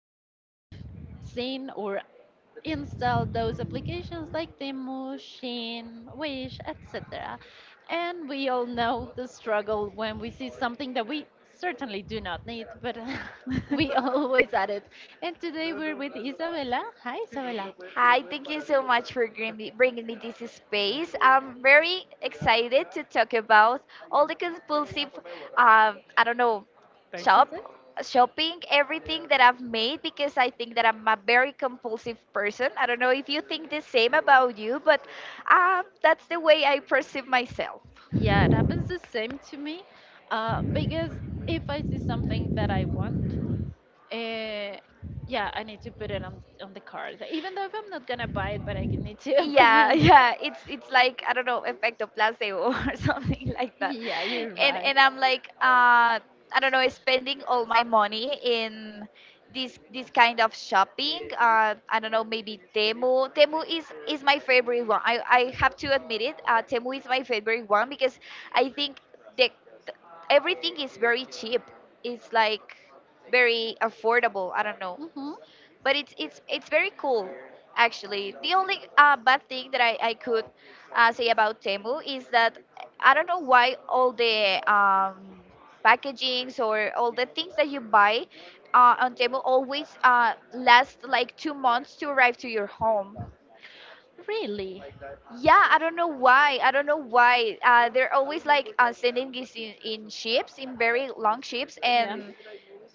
all have seen or installed those applications like Temu, Shein, Wish, etc. And we all know the struggle when we see something that we certainly do not need, but we always add it. And today we're with Isabella. Hi, Isabella. Hi, thank you no so de much for bringing me this space. I'm very excited to talk about all the compulsive, I don't know, shop, Purchases? shopping, everything that I've made because I think that I'm a very compulsive person. I don't know if you think the same about you, but that's the way I perceive myself. Yeah, it happens the same to me. Because if I see something that I want, uh, yeah, I need to put it on the card. Even though if I'm not gonna buy it, but I need to put it Yeah. on the card. Yeah, it's like, I don't know, effect of placebo. Or something like that. Yeah, you're and right. and I'm like, I don't know, spending all my money in this kind of shopping. I don't know, maybe Temu. Temu is my favorite one. I have to admit it. Temu is my favorite one because I think the th- everything is very cheap. It's like very affordable, I don't know. Hmm. But it's very cool. Actually, the only bad thing that I could say about Temu is that I don't know why all the packagings or all the things that you buy on Temu always last like 2 months to arrive to your home. Really? Yeah, I don't know why. I don't know why. They're always like, sending this in, ships, in very long ships, Yeah. and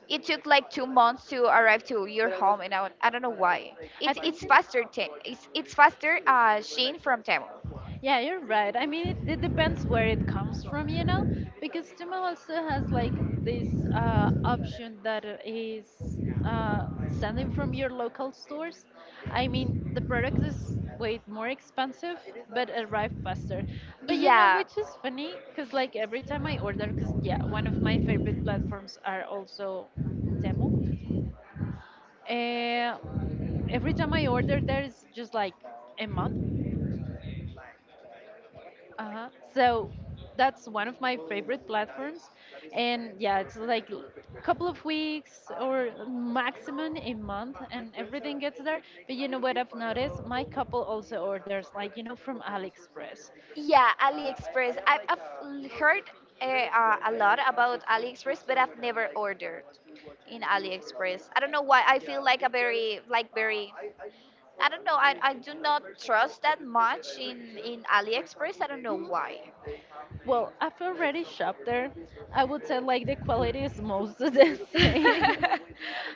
it took like 2 months to arrive to your home, and I don't know why. I It's think. faster. It's faster. Shane from Temu. Yeah, you're right. I mean, it depends where it comes from, you know, because Temu also has like this option that is sending from your local stores. I mean, the product is way more expensive, but arrive faster. But you know, Yeah. which is funny, because like every time I order, because yeah, one of my favorite platforms are also Temu. Uh, every time I order, there is just like a month. Uh-huh. So that's one of my favorite platforms. And yeah, it's like a couple of weeks or maximum a month and everything gets there. But you know what I've noticed? My couple also orders like, from AliExpress. Yeah, AliExpress. I've heard a lot about AliExpress, but I've never ordered in AliExpress. I don't know why. I feel like a very, I don't know. I do not trust that much in AliExpress. I don't know Mhm. why. Well, I've already shopped there. I would say like the quality is most the same.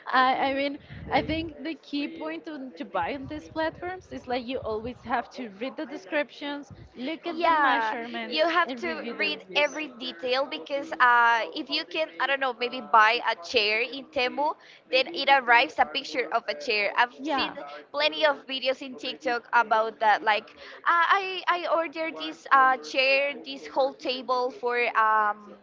I mean, I think the key point to buy on these platforms is like you always have to read the descriptions, look at the Yeah, measurements, you have and to review the read reviews. every detail because, if you can, I don't know, maybe buy a chair in Temu, then it arrives a picture of a chair. I've seen Yeah, plenty of videos in TikTok about that. Like, I ordered this chair, this whole table um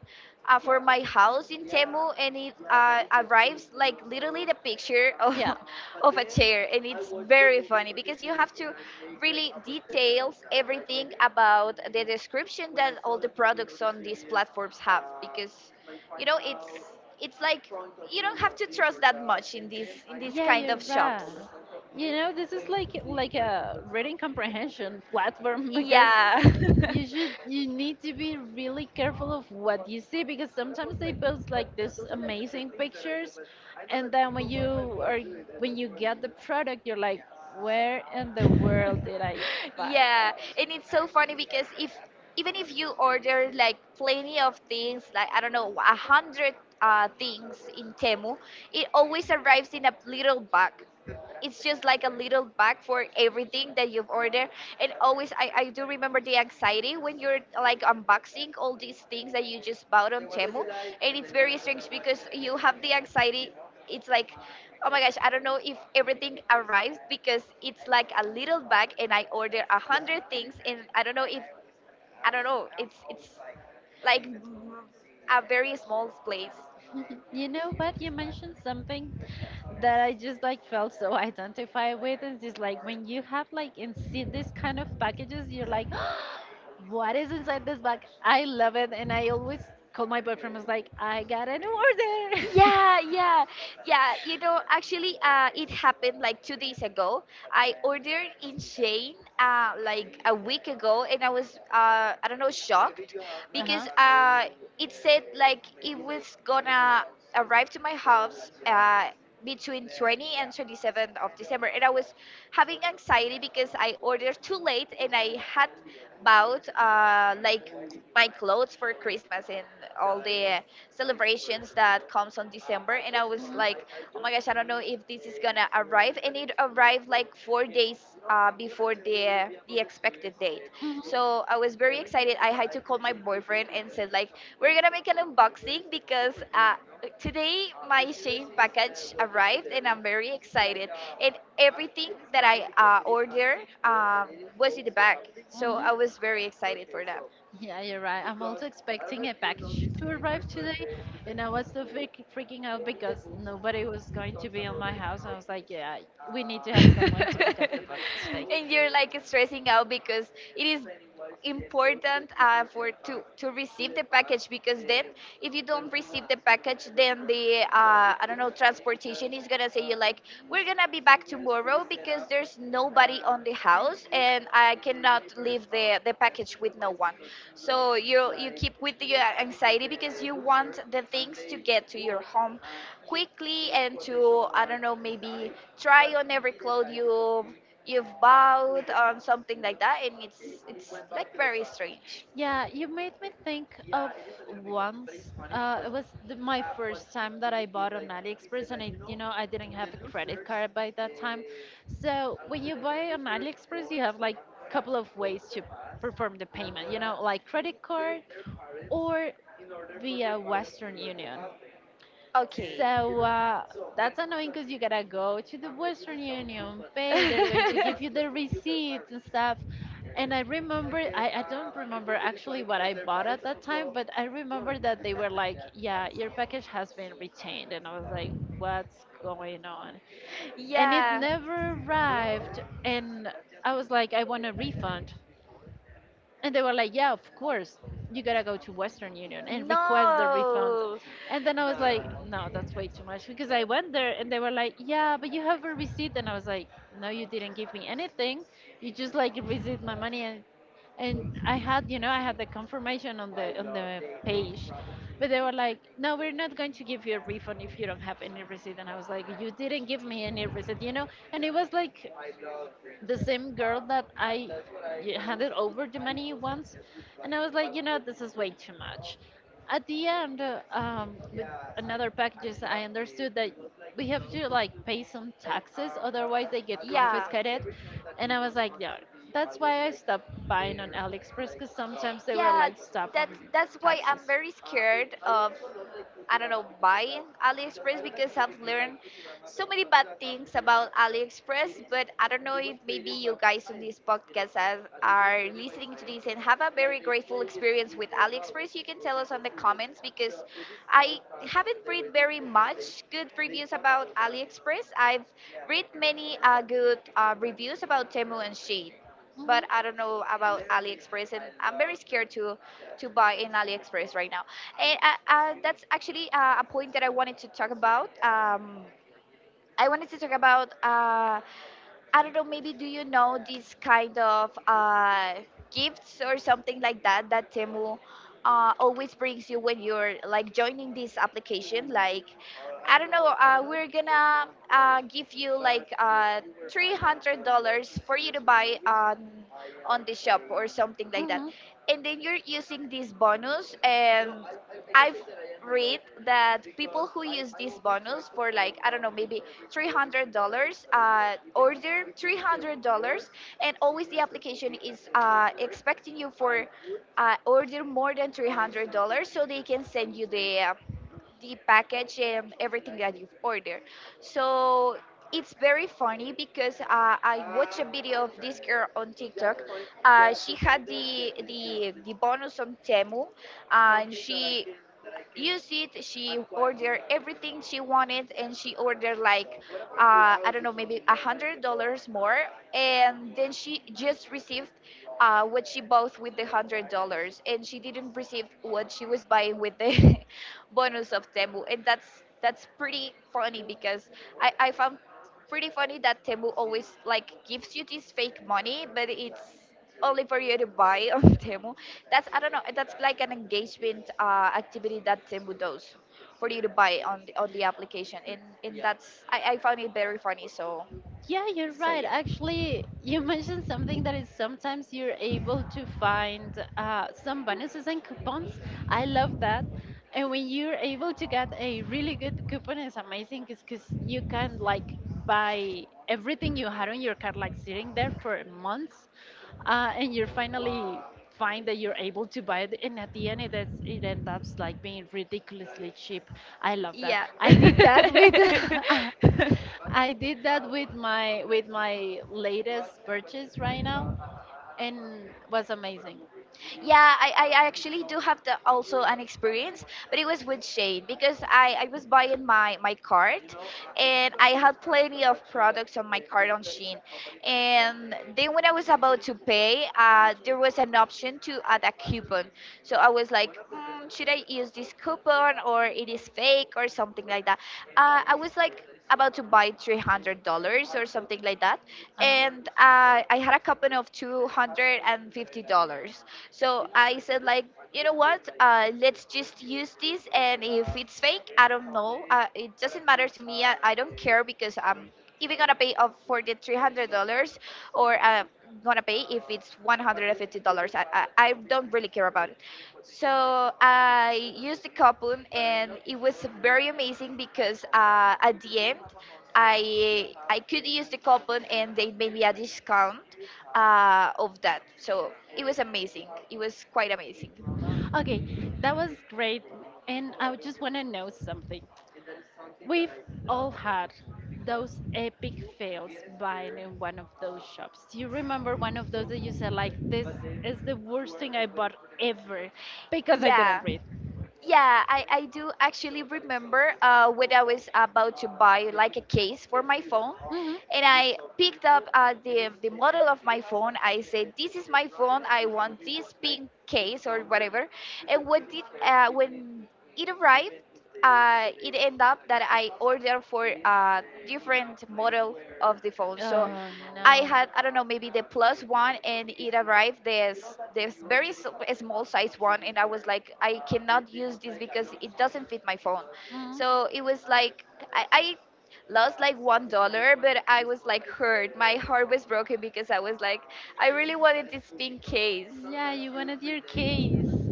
uh, for my house in Temu, and it arrives like literally the picture yeah. of, of a chair, and it's very funny because you have to really details everything about the description that all the products on these platforms have because, you know, it's like you don't have to trust that much in these Yeah, kind you're of right. shops. You know, this is like a reading comprehension platform because Yeah. You need to be really careful of what you see because sometimes they post like these amazing pictures and then when you are when you get the product you're like where in the world did I buy Yeah, that? and it's so funny because, if even if you order like plenty of things, like, I don't know, a hundred things in Temu, it always arrives in a little bag. It's just like a little bag for everything that you've ordered. And always, I do remember the anxiety when you're like unboxing all these things that you just bought on Temu. And it's very strange because you have the anxiety. It's like, oh my gosh, I don't know if everything arrived because it's like a little bag and I order a hundred things, and I don't know if, I don't know, it's like a very small place. You know what? You mentioned something that I just like felt so identified with. And it's like when you have like and see this kind of packages, you're like, what is inside this bag? I love it. And I always call my boyfriend, was like, I got an order. Yeah, yeah, yeah. You know, actually, it happened like 2 days ago. I ordered in Shane like a week ago, and I was, I don't know, shocked because it said like it was gonna arrive to my house between 20 and 27th of December, and I was having anxiety because I ordered too late, and I had bought like my clothes for Christmas and all the celebrations that comes on December. And I was like, oh my gosh, I don't know if this is gonna arrive. And it arrived like 4 days before the expected date. Hmm. So I was very excited. I had to call my boyfriend and said like, we're gonna make an unboxing because today my Shane package arrived and I'm very excited. And everything that I ordered um, was in the bag. So Hmm. Hmm. I was very excited for that. Yeah, you're right. I'm also expecting a package to arrive today, and I was so freaking out because nobody was going to be in my house. I was like, yeah, we need to have someone to pick up the box today. And you're like stressing out because it is important, for to receive the package because then if you don't receive the package then the I don't know transportation is gonna say you like, we're gonna be back tomorrow because there's nobody on the house and I cannot leave the package with no one. So you keep with the anxiety because you want the things to get to your home quickly and to, I don't know, maybe try on every clothes you've bought on something like that, and it's like very strange. Yeah, you made me think of once. It was the, my first time that I bought on AliExpress, and I, you know, I didn't have a credit card by that time. So when you buy on AliExpress, you have like a couple of ways to perform the payment. You know, like credit card or via Western Union. Okay. So that's annoying because you gotta go to the Western Union, pay, they're going to give you the receipts and stuff. And I remember, I don't remember actually what I bought at that time, but I remember that they were like, yeah, your package has been retained. And I was like, what's going on? And it Yeah. never arrived. And I was like, I want a refund. And they were like, yeah, of course, you gotta go to Western Union and request the refund. No. And then I was like, no, that's way too much because I went there and they were like, yeah, but you have a receipt. And I was like, no, you didn't give me anything. You just like received my money and I had, you know, I had the confirmation on the page. But they were like, "No, we're not going to give you a refund if you don't have any receipt." And I was like, "You didn't give me any receipt, you know." And it was like the same girl that handed over the money once, and I was like, you know, this is way too much. At the end, with another packages, I understood that we have to like pay some taxes, otherwise they get confiscated. And I was like, yeah, that's why I stopped buying on AliExpress because sometimes they it was were like stop on That's why taxes. I'm very scared I of also, I don't know, buy AliExpress because I've learned so many bad things about AliExpress. But I don't know if maybe you guys on this podcast are listening to this and have a very grateful experience with AliExpress. You can tell us on the comments because I haven't read very much good reviews about AliExpress. I've read many good reviews about Temu and Shein. But Hmm. I don't know about AliExpress, and I'm very scared to buy in AliExpress right now. And that's actually a point that I wanted to talk about. I wanted to talk about, I don't know, maybe, do you know these kind of gifts or something like that that Temu always brings you when you're like joining this application? Like, I don't know, we're gonna give you like $300 for you to buy on the shop or something like that. Hmm. And then you're using this bonus. And. I've read that people who use this bonus for, like, I don't know, maybe $300, order $300, and always the application is expecting you for order more than $300 so they can send you the package and everything that you've ordered. So it's very funny because I watched a video of this girl on TikTok. She had the bonus on Temu, and she use it. She ordered everything she wanted, and she ordered like I don't know, maybe $100 more, and then she just received what she bought with the $100, and she didn't receive what she was buying with the bonus of Temu, and that's pretty funny because I found pretty funny that Temu always like gives you this fake money, but it's only for you to buy on Temu. That's, I don't know, that's like an engagement activity that Temu does for you to buy on on the application, and that's, I found it very funny. So Yeah, you're so right. yeah, Actually, you mentioned something that is sometimes you're able to find some bonuses and coupons. I love that. And when you're able to get a really good coupon, it's amazing because you can like buy everything you had on your card, like sitting there for months, and you're finally find that you're able to buy it and at the end it ends up like being ridiculously cheap. I love that. yeah. I did that with I did that with my latest purchase right now and was amazing. Yeah, I actually do have the also an experience, but it was with Shane because I was buying my cart and I had plenty of products on my cart on Shane. And then when I was about to pay, there was an option to add a coupon. So I was like, "Mm, mm, should I use this coupon or it is fake or something like that." I was like about to buy $300 or something like that, Uh-huh. and I had a coupon of $250. So I said like, you know what? Let's just use this, and if it's fake, I don't know. It doesn't matter to me. I don't care because I'm if we're gonna pay up for the $300 or gonna pay if it's $150. I don't really care about it. So I used the coupon and it was very amazing because, at the end, I could use the coupon and they made me a discount of that. So it was amazing. It was quite amazing. Okay, that was great. And I would just want to know something. We've all had those epic fails buying in one of those shops. Do you remember one of those that you said, like, this is the worst thing I bought ever because I Yeah. didn't read? Yeah, I do actually remember when I was about to buy like a case for my phone, Hmm. and I picked up the model of my phone. I said, "This is my phone. I want this pink case or whatever." And what did when it arrived, it ended up that I ordered for a different model of the phone. So Oh, I no. had, I don't know, maybe the plus one, and it arrived this very small size one, and I was like I cannot use this because it doesn't fit my phone. Mhm. So it was like I lost like $1, but I was like, hurt, my heart was broken because I was like, I really wanted this pink case. Yeah, you wanted your case.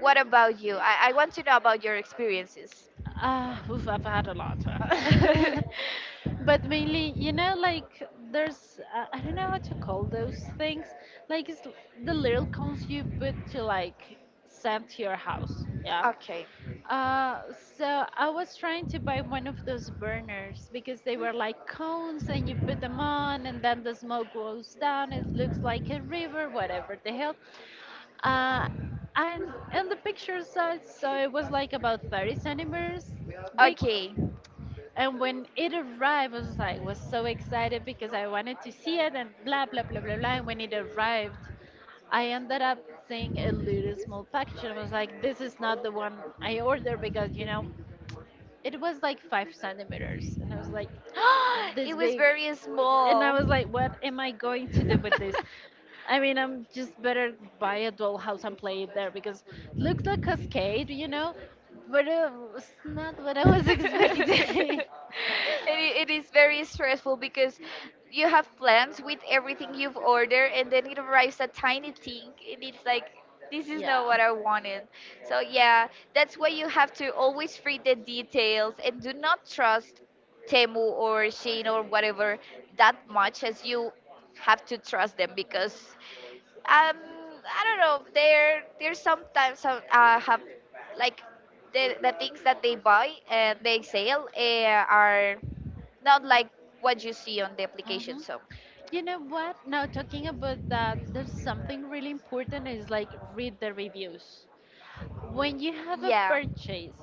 What about you? I want to know about your experiences. Ah, oof, I've had a lot. But mainly, you know, like there's, I don't know how to call those things. Like the little cones you put to like send to your house. Yeah. Okay. Uh, so I was trying to buy one of those burners because they were like cones and you put them on and then the smoke goes down. It looks like a river, whatever the hell. Uh, and the picture size, so it was like about 30 centimeters big. Okay. And when it arrived, I was like was so excited because I wanted to see it and blah blah blah blah blah. And when it arrived, I ended up seeing a little small package and was like, this is not the one I ordered because you know it was like five centimeters, and I was like this It was big. very And I small. was like, what am I going to do with this? I mean, I'm just better buy a dollhouse and play it there because looks like Cascade, you know, but it was not what I and was expecting. it, it is very stressful because you have plans with everything you've ordered and then it arrives a tiny thing, and it's like this is not Yeah. what I wanted. So yeah, that's why you have to always read the details and do not trust Temu or Shein or whatever that much as you have to trust them because um I don't know. They're sometimes some have like the things that they buy and they sell are not like what you see on the application. Hmm. So You know what? Now talking about that, there's something really important is like read the reviews. When you have a yeah, purchase,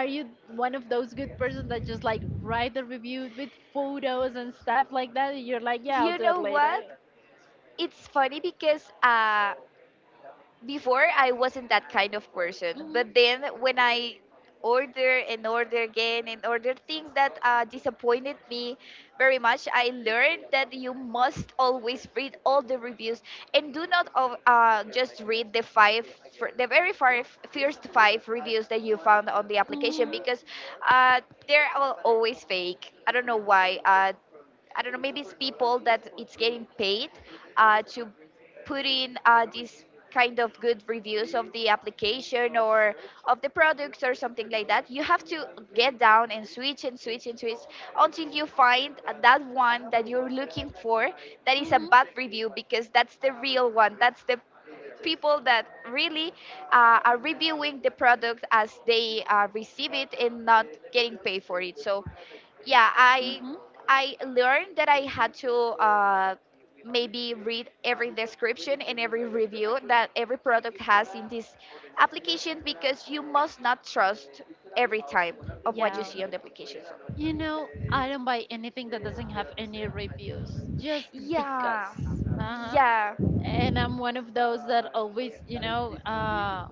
are you one of those good persons that just like write the reviews with photos and stuff like that and you're like yeah I'll you do it know later? what? It's funny because before I wasn't that kind of person, but then when I order and order again and order things that disappointed me very much, I learned that you must always read all the reviews and do not of- just read the five, fir- the very far, first five reviews that you found on the application because uh, they're all always fake. I don't know why. I don't know, maybe it's people that it's getting paid to put in these kind of good reviews of the application or of the products or something like that. You have to get down and switch and switch and switch until you find that one that you're looking for, that is a bad review, because that's the real one. That's the people that really are reviewing the product as they receive it and not getting paid for it. So yeah, i Hmm. i learned that I had to maybe read every description and every review that every product has in this application, because you must not trust every time of what you Yeah. see on the application. So You know, I don't buy anything that doesn't have any reviews just because. yeah. Uh-huh. Yeah. And I'm one of those that always,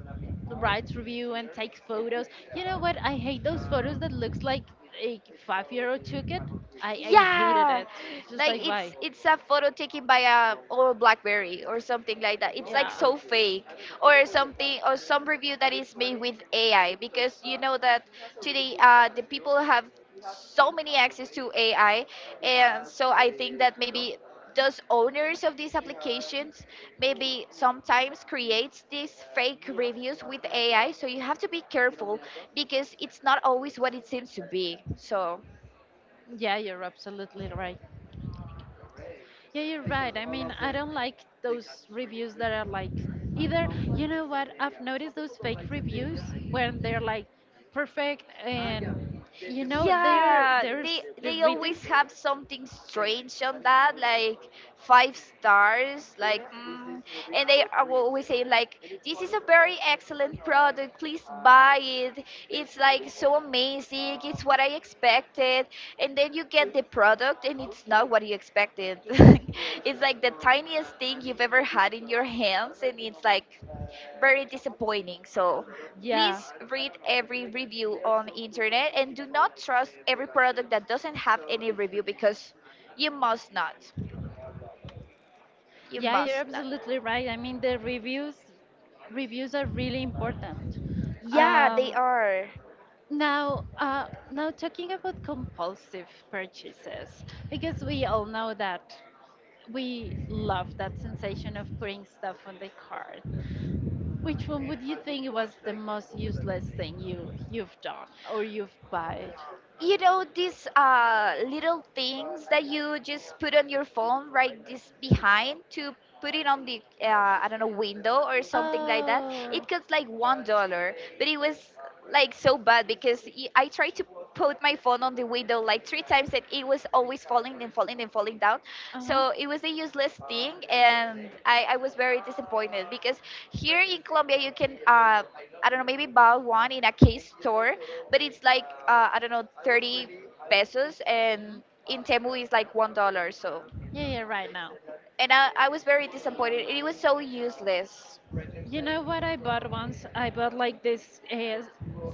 writes review and takes photos. You know what? I hate those photos that looks like a five-year-old took it. I hated Yeah, it. It's just like like it's why? it's a photo taken by a old BlackBerry or something like that. It's like Yeah. so fake or something, or some review that is made with AI, because you know that today the people have so many access to AI, and so I think that maybe those owners of these applications maybe sometimes creates these fake reviews with AI. So you have to be careful because it's not always what it seems to be. So. Yeah, you're absolutely right. Yeah, you're right. I mean, I don't like those reviews that are like either, you know what, I've noticed those fake reviews when they're like perfect and you know they're Yeah, there's they the they reading. always have something strange on that, like five stars, like, and they are always saying like, this is a very excellent product. Please buy it. It's like so amazing. It's what I expected. And then you get the product, and it's not what you expected. It's like the tiniest thing you've ever had in your hands, and it's like very disappointing. So please Yeah. read every review on internet and do not trust every product that doesn't have any review, because you must not. You Yeah, you're must not. absolutely right. I mean, the reviews are really important. Yeah, they Um, are. Now, now talking about compulsive purchases, because we all know that we love that sensation of putting stuff on the cart. Which one would you think was the most useless thing you've done or you've bought? You know these little things that you just put on your phone, right, this behind to put it on the I don't know, window or something like that. It Oh, cost like $1, but it was like so bad because I tried to put my phone on the window like 3 times, and it was always falling and falling and falling down. uh huh. So it was a useless thing, and I was very disappointed because here in Colombia you can I don't know, maybe bought one in a case store, but it's like I don't know, 30 pesos, Hmm. and in Temu is like $1. So, Yeah, yeah, right now. and I was very disappointed. It was so useless. You know what I bought once? I bought like this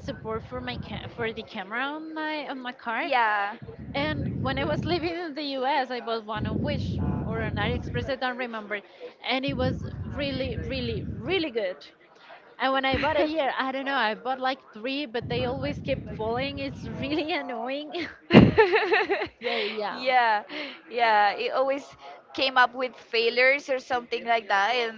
support for my for the camera on my car, Yeah. and when I was living in the U.S., I bought one on Wish or on AliExpress. I don't remember, and it was really, really, really good. And when I bought it here, I don't know, I bought like three, but they always keep falling. It's really annoying. So yeah. Yeah, yeah. It always came up with failures or something like that, and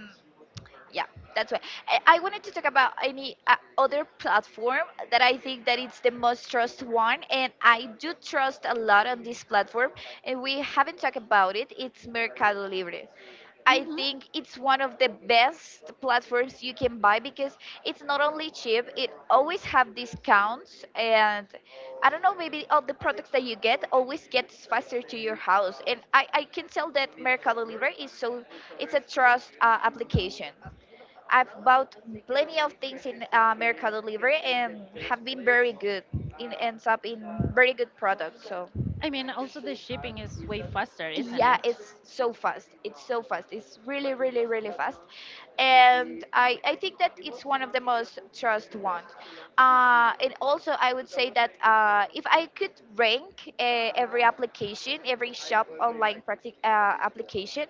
yeah, that's why I wanted to talk about any other platform that I think that it's the most trust one, and I do trust a lot on this platform, and we haven't talked about it. It's Mercado Libre. I Hmm. think it's one of the best platforms you can buy, because it's not only cheap, it always have discounts, and I don't know, maybe all the products that you get always gets faster to your house, and I can tell that Mercado Libre is so, it's a trust application. I've bought plenty of things in Mercado Libre, and have been very good. It ends up in very good products. So I mean, also the shipping is way faster, isn't yeah, it? it's so fast. It's so fast. It's really, really, really fast. And I think that it's one of the most trust ones. And also, I would say that if I could rank every application, every shop online application,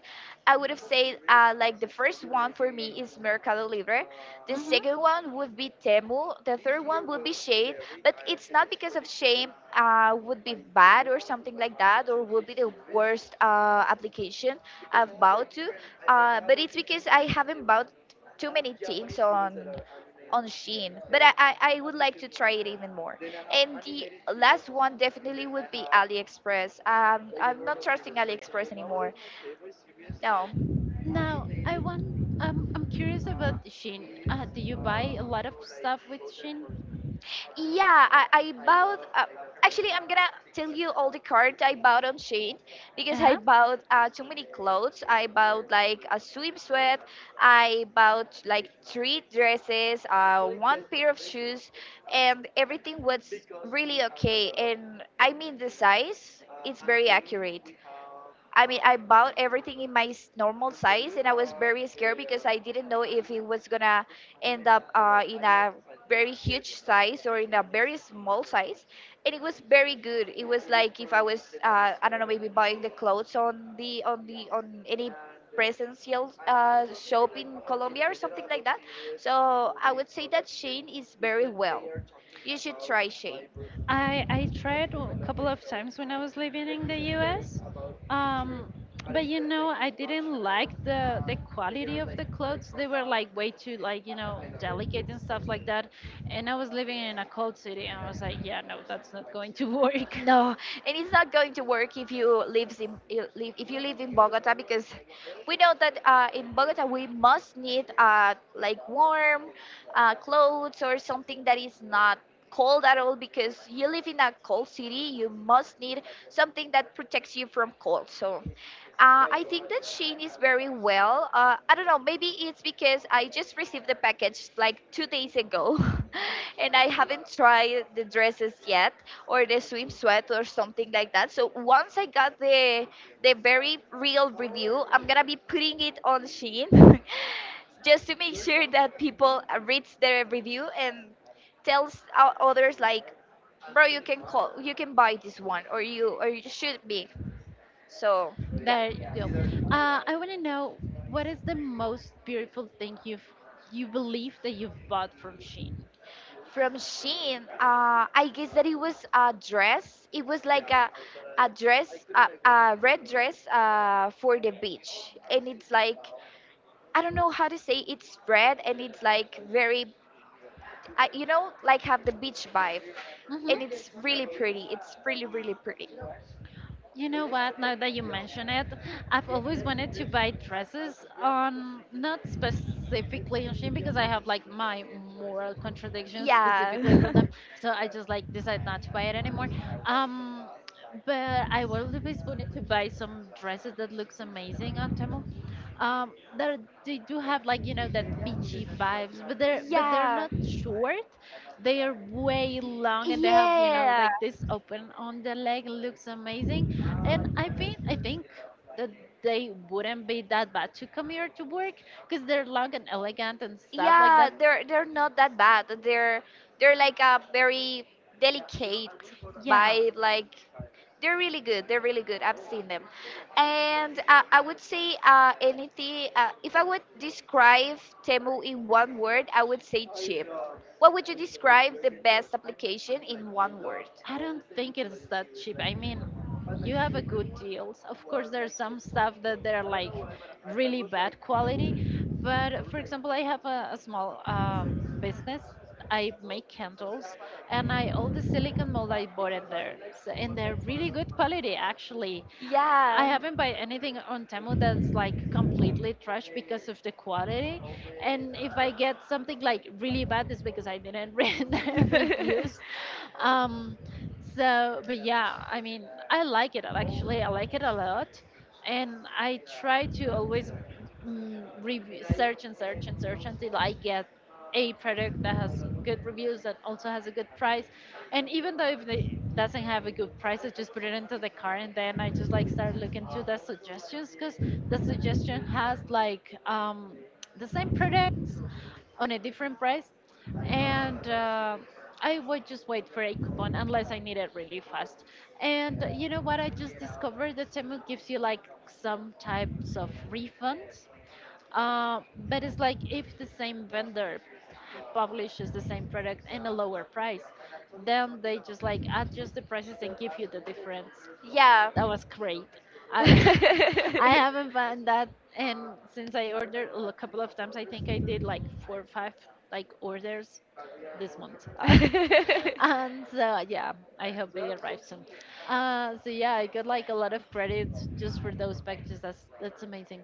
I would have said like the first one for me is Mercado Libre. The Hmm. second one would be Temu. The third one would be Shade. But it's not because of Shame would be bad or something like that, or would be the worst application I've bought to. But it's because I haven't bought too many things on Shein. But I would like to try it even more. And the last one definitely would be AliExpress. I'm not trusting AliExpress anymore. No. Now, I want, I'm curious about Shein. Do you buy a lot of stuff with Shein? Yeah, I bought. Actually, I'm gonna tell you all the cards I bought on Shein, because I Uh-huh. bought too many clothes. I bought like a swimsuit. I bought like 3 dresses, one pair of shoes, and everything was really okay. And I mean, the size, it's very accurate. I mean, I bought everything in my normal size, and I was very scared because I didn't know if it was gonna end up in a very huge size or in a very small size. And it was very good. It was like if I was, I don't know, maybe buying the clothes on the on the on any presential shop in Colombia or something like that. So I would say that Shane is very well. You should try Shane. I tried a couple of times when I was living in the U.S. Um, but you know, I didn't like the quality of the clothes. They were like way too like you know delicate and stuff like that. And I was living in a cold city, and I was like, yeah, no, that's not going to work. No, and it's not going to work if you lives in I- live if you live in Bogota, because we know that in Bogota we must need like warm clothes or something that is not cold at all, because you live in a cold city. You must need something that protects you from cold. So I think that Shein is very well. I don't know. Maybe it's because I just received the package like 2 days ago, and I haven't tried the dresses yet or the swimsuit or something like that. So once I got the very real review, I'm gonna be putting it on Shein just to make sure that people reads their review and others like, bro, you can buy this one, or you should be. So yeah. There you go. I want to know what is the most beautiful thing you've you believe that you've bought from Shein. From Shein, I guess that it was a dress. It was like a dress, a red dress for the beach. And it's like, I don't know how to say, it's red and it's like very, you know, like have the beach vibe. Hmm. And it's really pretty. It's really, really pretty. You know what? Now that you mention it, I've always wanted to buy dresses on not specifically on Shein because I have like my moral contradictions Yeah. specifically for them. So I just like decide not to buy it anymore. Um, but I always wanted to buy some dresses that looks amazing on Temu. um they're, they do have, like, you know, that beachy vibes, but they're but they're Yeah. not short. They are way long, and they have, you know, Yeah. like this open on the leg. Looks amazing. And I think that they wouldn't be that bad to come here to work because they're long and elegant and stuff like Yeah, that. they're not that bad. They're like a very delicate Yeah, vibe. Like they're really good. They're really good. I've seen them, and I would say anything if I would describe Temu in one word, I would say cheap. What would you describe the best application in one word? I don't think it's that cheap. I mean, you have a good deals. Of course, there's some stuff that they're like really bad quality, but for example, I have a small business. I make candles, and I all the silicone mold I bought in there, so, and they're really good quality actually. I Yeah. haven't buy anything on Temu that's like completely trash because of the quality. And if I get something like really bad, it's because I didn't read the reviews. Um, so, but yeah, I mean, I like it actually. I like it a lot. And I try to always review, search and search and search until I get a product that has good reviews that also has a good price. And even though if it doesn't have a good price, I just put it into the cart, and then I just like start looking to the suggestions, because the suggestion has like the same products on a different price. And I would just wait for a coupon unless I need it really fast. And you know what, I just discovered that Temu gives you like some types of refunds, uh, but it's like if the same vendor publishes the same product in a lower price, then they just like adjust the prices and give you the difference. Yeah. That was great. I I haven't found that, and since I ordered, well, a couple of times, I think I did like four or five like orders this month. And so yeah, I hope they arrive soon. So yeah, I got like a lot of credits just for those packages. That's amazing.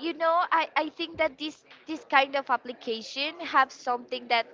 You know, I think that this kind of application have something that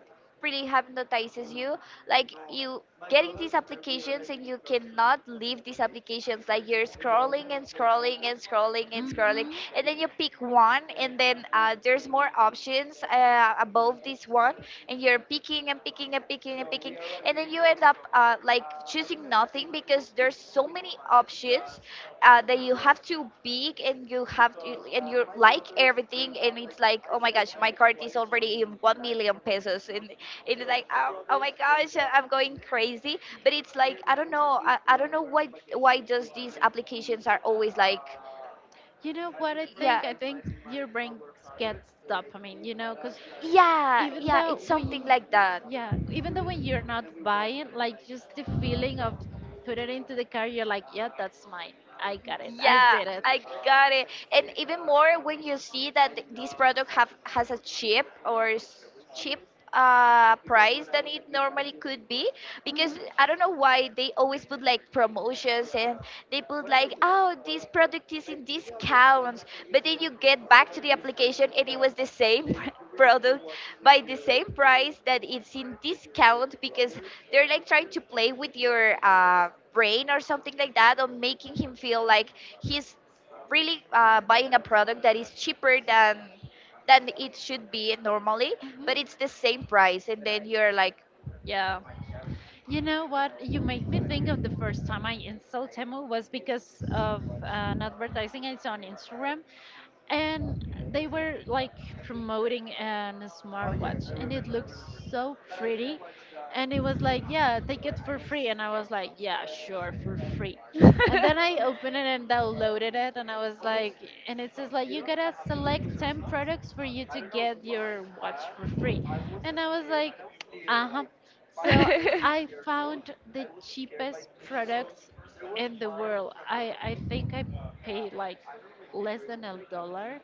really hypnotizes you. Like you getting these applications, and you cannot leave these applications. Like you're scrolling and scrolling and scrolling and scrolling, Mhm. and then you pick one, and then there's more options above this one, and you're picking and picking and picking and picking making, and then you end up like choosing nothing because there's so many options that you have to pick, and you have to, and you like everything, and it's like, oh my gosh, my card is already in 1 million pesos, and it's like, oh my gosh, I'm going crazy. But it's like I don't know, I don't know why just these applications are always like You know what I yeah. think? I think your brain gets dopamine, you know, because Yeah, even yeah, though it's we, something like that. yeah, even though when you're not buying, like just the feeling of put it into the car, you're like, yeah, that's mine. I got it. I Yeah, did it. I got it. And even more when you see that this product have has a cheap or s- cheap price than it normally could be, Hmm. because I don't know why they always put like promotions, and they put like, oh, this product is in discounts, but then you get back to the application and it was the same product by the same price that it's in discount, because they're like trying to play with your brain or something like that, or making him feel like he's really buying a product that is cheaper than it should be normally, but it's the same price, and then you're like Yeah. You know what? You make me think of the first time I installed Temu was because of an advertising I saw on Instagram. And they were like promoting an smartwatch, and it looked so pretty, and it was like, yeah, take it for free. And I was like, yeah, sure, for free. And then I opened it and downloaded it, and I was like, and it says like, you gotta select 10 products for you to get your watch for free. And I was like, uh-huh. So I found the cheapest products in the world. I think I paid like less than a dollar,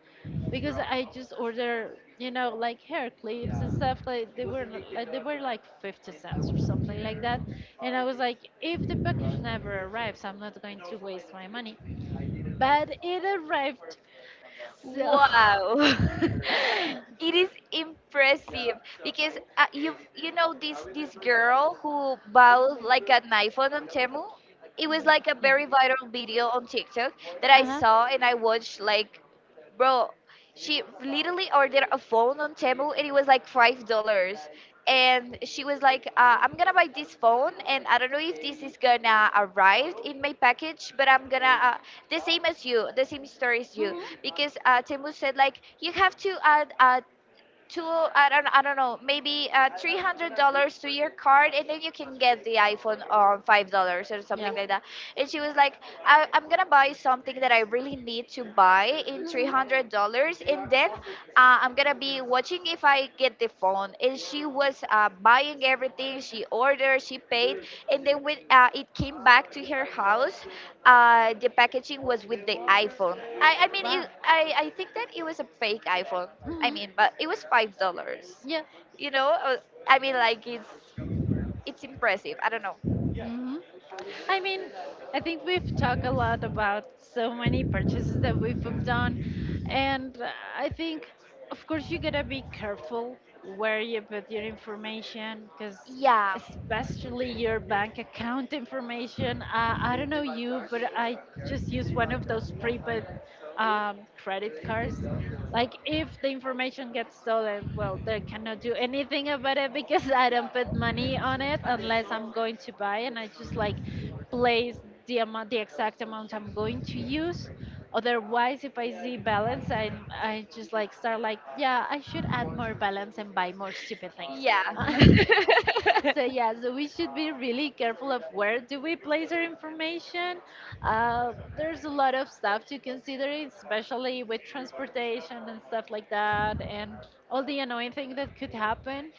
because I just order, you know, like hair clips and stuff. Like they were like they were like 50 cents or something like that. And I was like, if the package never arrives, I'm not going to waste my money. But it arrived. So wow. It is impressive, because you you know this girl who bowed like a knife on Temu. It was like a yeah. very viral video on TikTok that I Uh-huh. saw, and I watched like, bro, she literally ordered a phone on Temu, and it was like $5. And she was like, I'm gonna buy this phone, and I don't know if this is gonna arrive in my package, but I'm gonna, the same as you, the same story as you. Because Temu said, like, you have to add two, I don't know, maybe $300 to your card, and then you can get the iPhone on $5 or Yeah. something like that. And she was like, I'm gonna buy something that I really need to buy in Mm-hmm. $300, and then I'm gonna be watching if I get the phone. And she was buying everything she ordered. She paid, and then when it came back to her house, the packaging was with the iPhone. I mean, Wow. I think that it was a fake iPhone. I Mm-hmm. mean, but it was $5, Yeah. you know. I mean, like it's impressive. I don't know. Hmm. I mean, I think we've talked a lot about so many purchases that we've done, and I think, of course, you gotta be careful where you put your information, because Yeah. especially your bank account information. I don't know you, but I just use one of those prepaid credit cards. Like, if the information gets stolen, well, they cannot do anything about it because I don't put money on it unless I'm going to buy, and I just like place the amount, the exact amount I'm going to use. Otherwise, if I see balance, I just like start like, yeah, I should add more balance and buy more stupid things. Yeah. So yeah, so we should be really careful of where do we place our information. There's a lot of stuff to consider, especially with transportation and stuff like that, and all the annoying thing that could happen.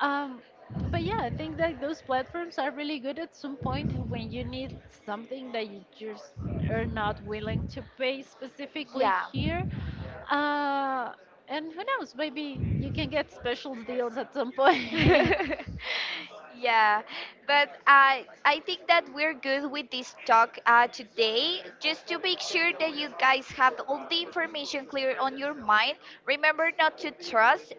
Um, but yeah, I think that those platforms are really good at some point when you need something that you just are not willing to pay specifically Yeah. here. Uh, and who knows, maybe you can get special deals at some point. Yeah, but I think that we're good with this talk today. Just to make sure that you guys have all the information clear on your mind. Remember not to trust.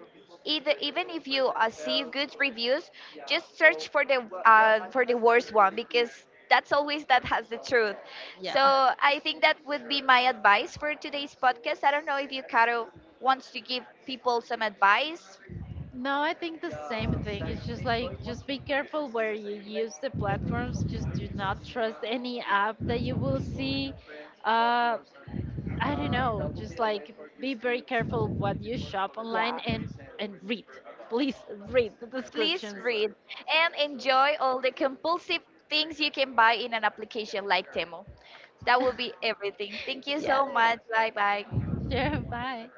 Either, even if you see good reviews, just search for the worst one, because that's always that has the truth. So Yeah. I think that would be my advice for today's podcast. I don't know if you, Caro, wants to give people some advice. No, I think the same thing. It's just like just be careful where you use the platforms. Just do not trust any app that you will see. Uh, I don't know. Just like be very careful what you shop online and read. Please read the that you Please descriptions. were read and enjoy all the compulsive things you can buy in an application like Temu. That will be everything. Thank you Yeah. so much. Bye bye. Sure. Bye.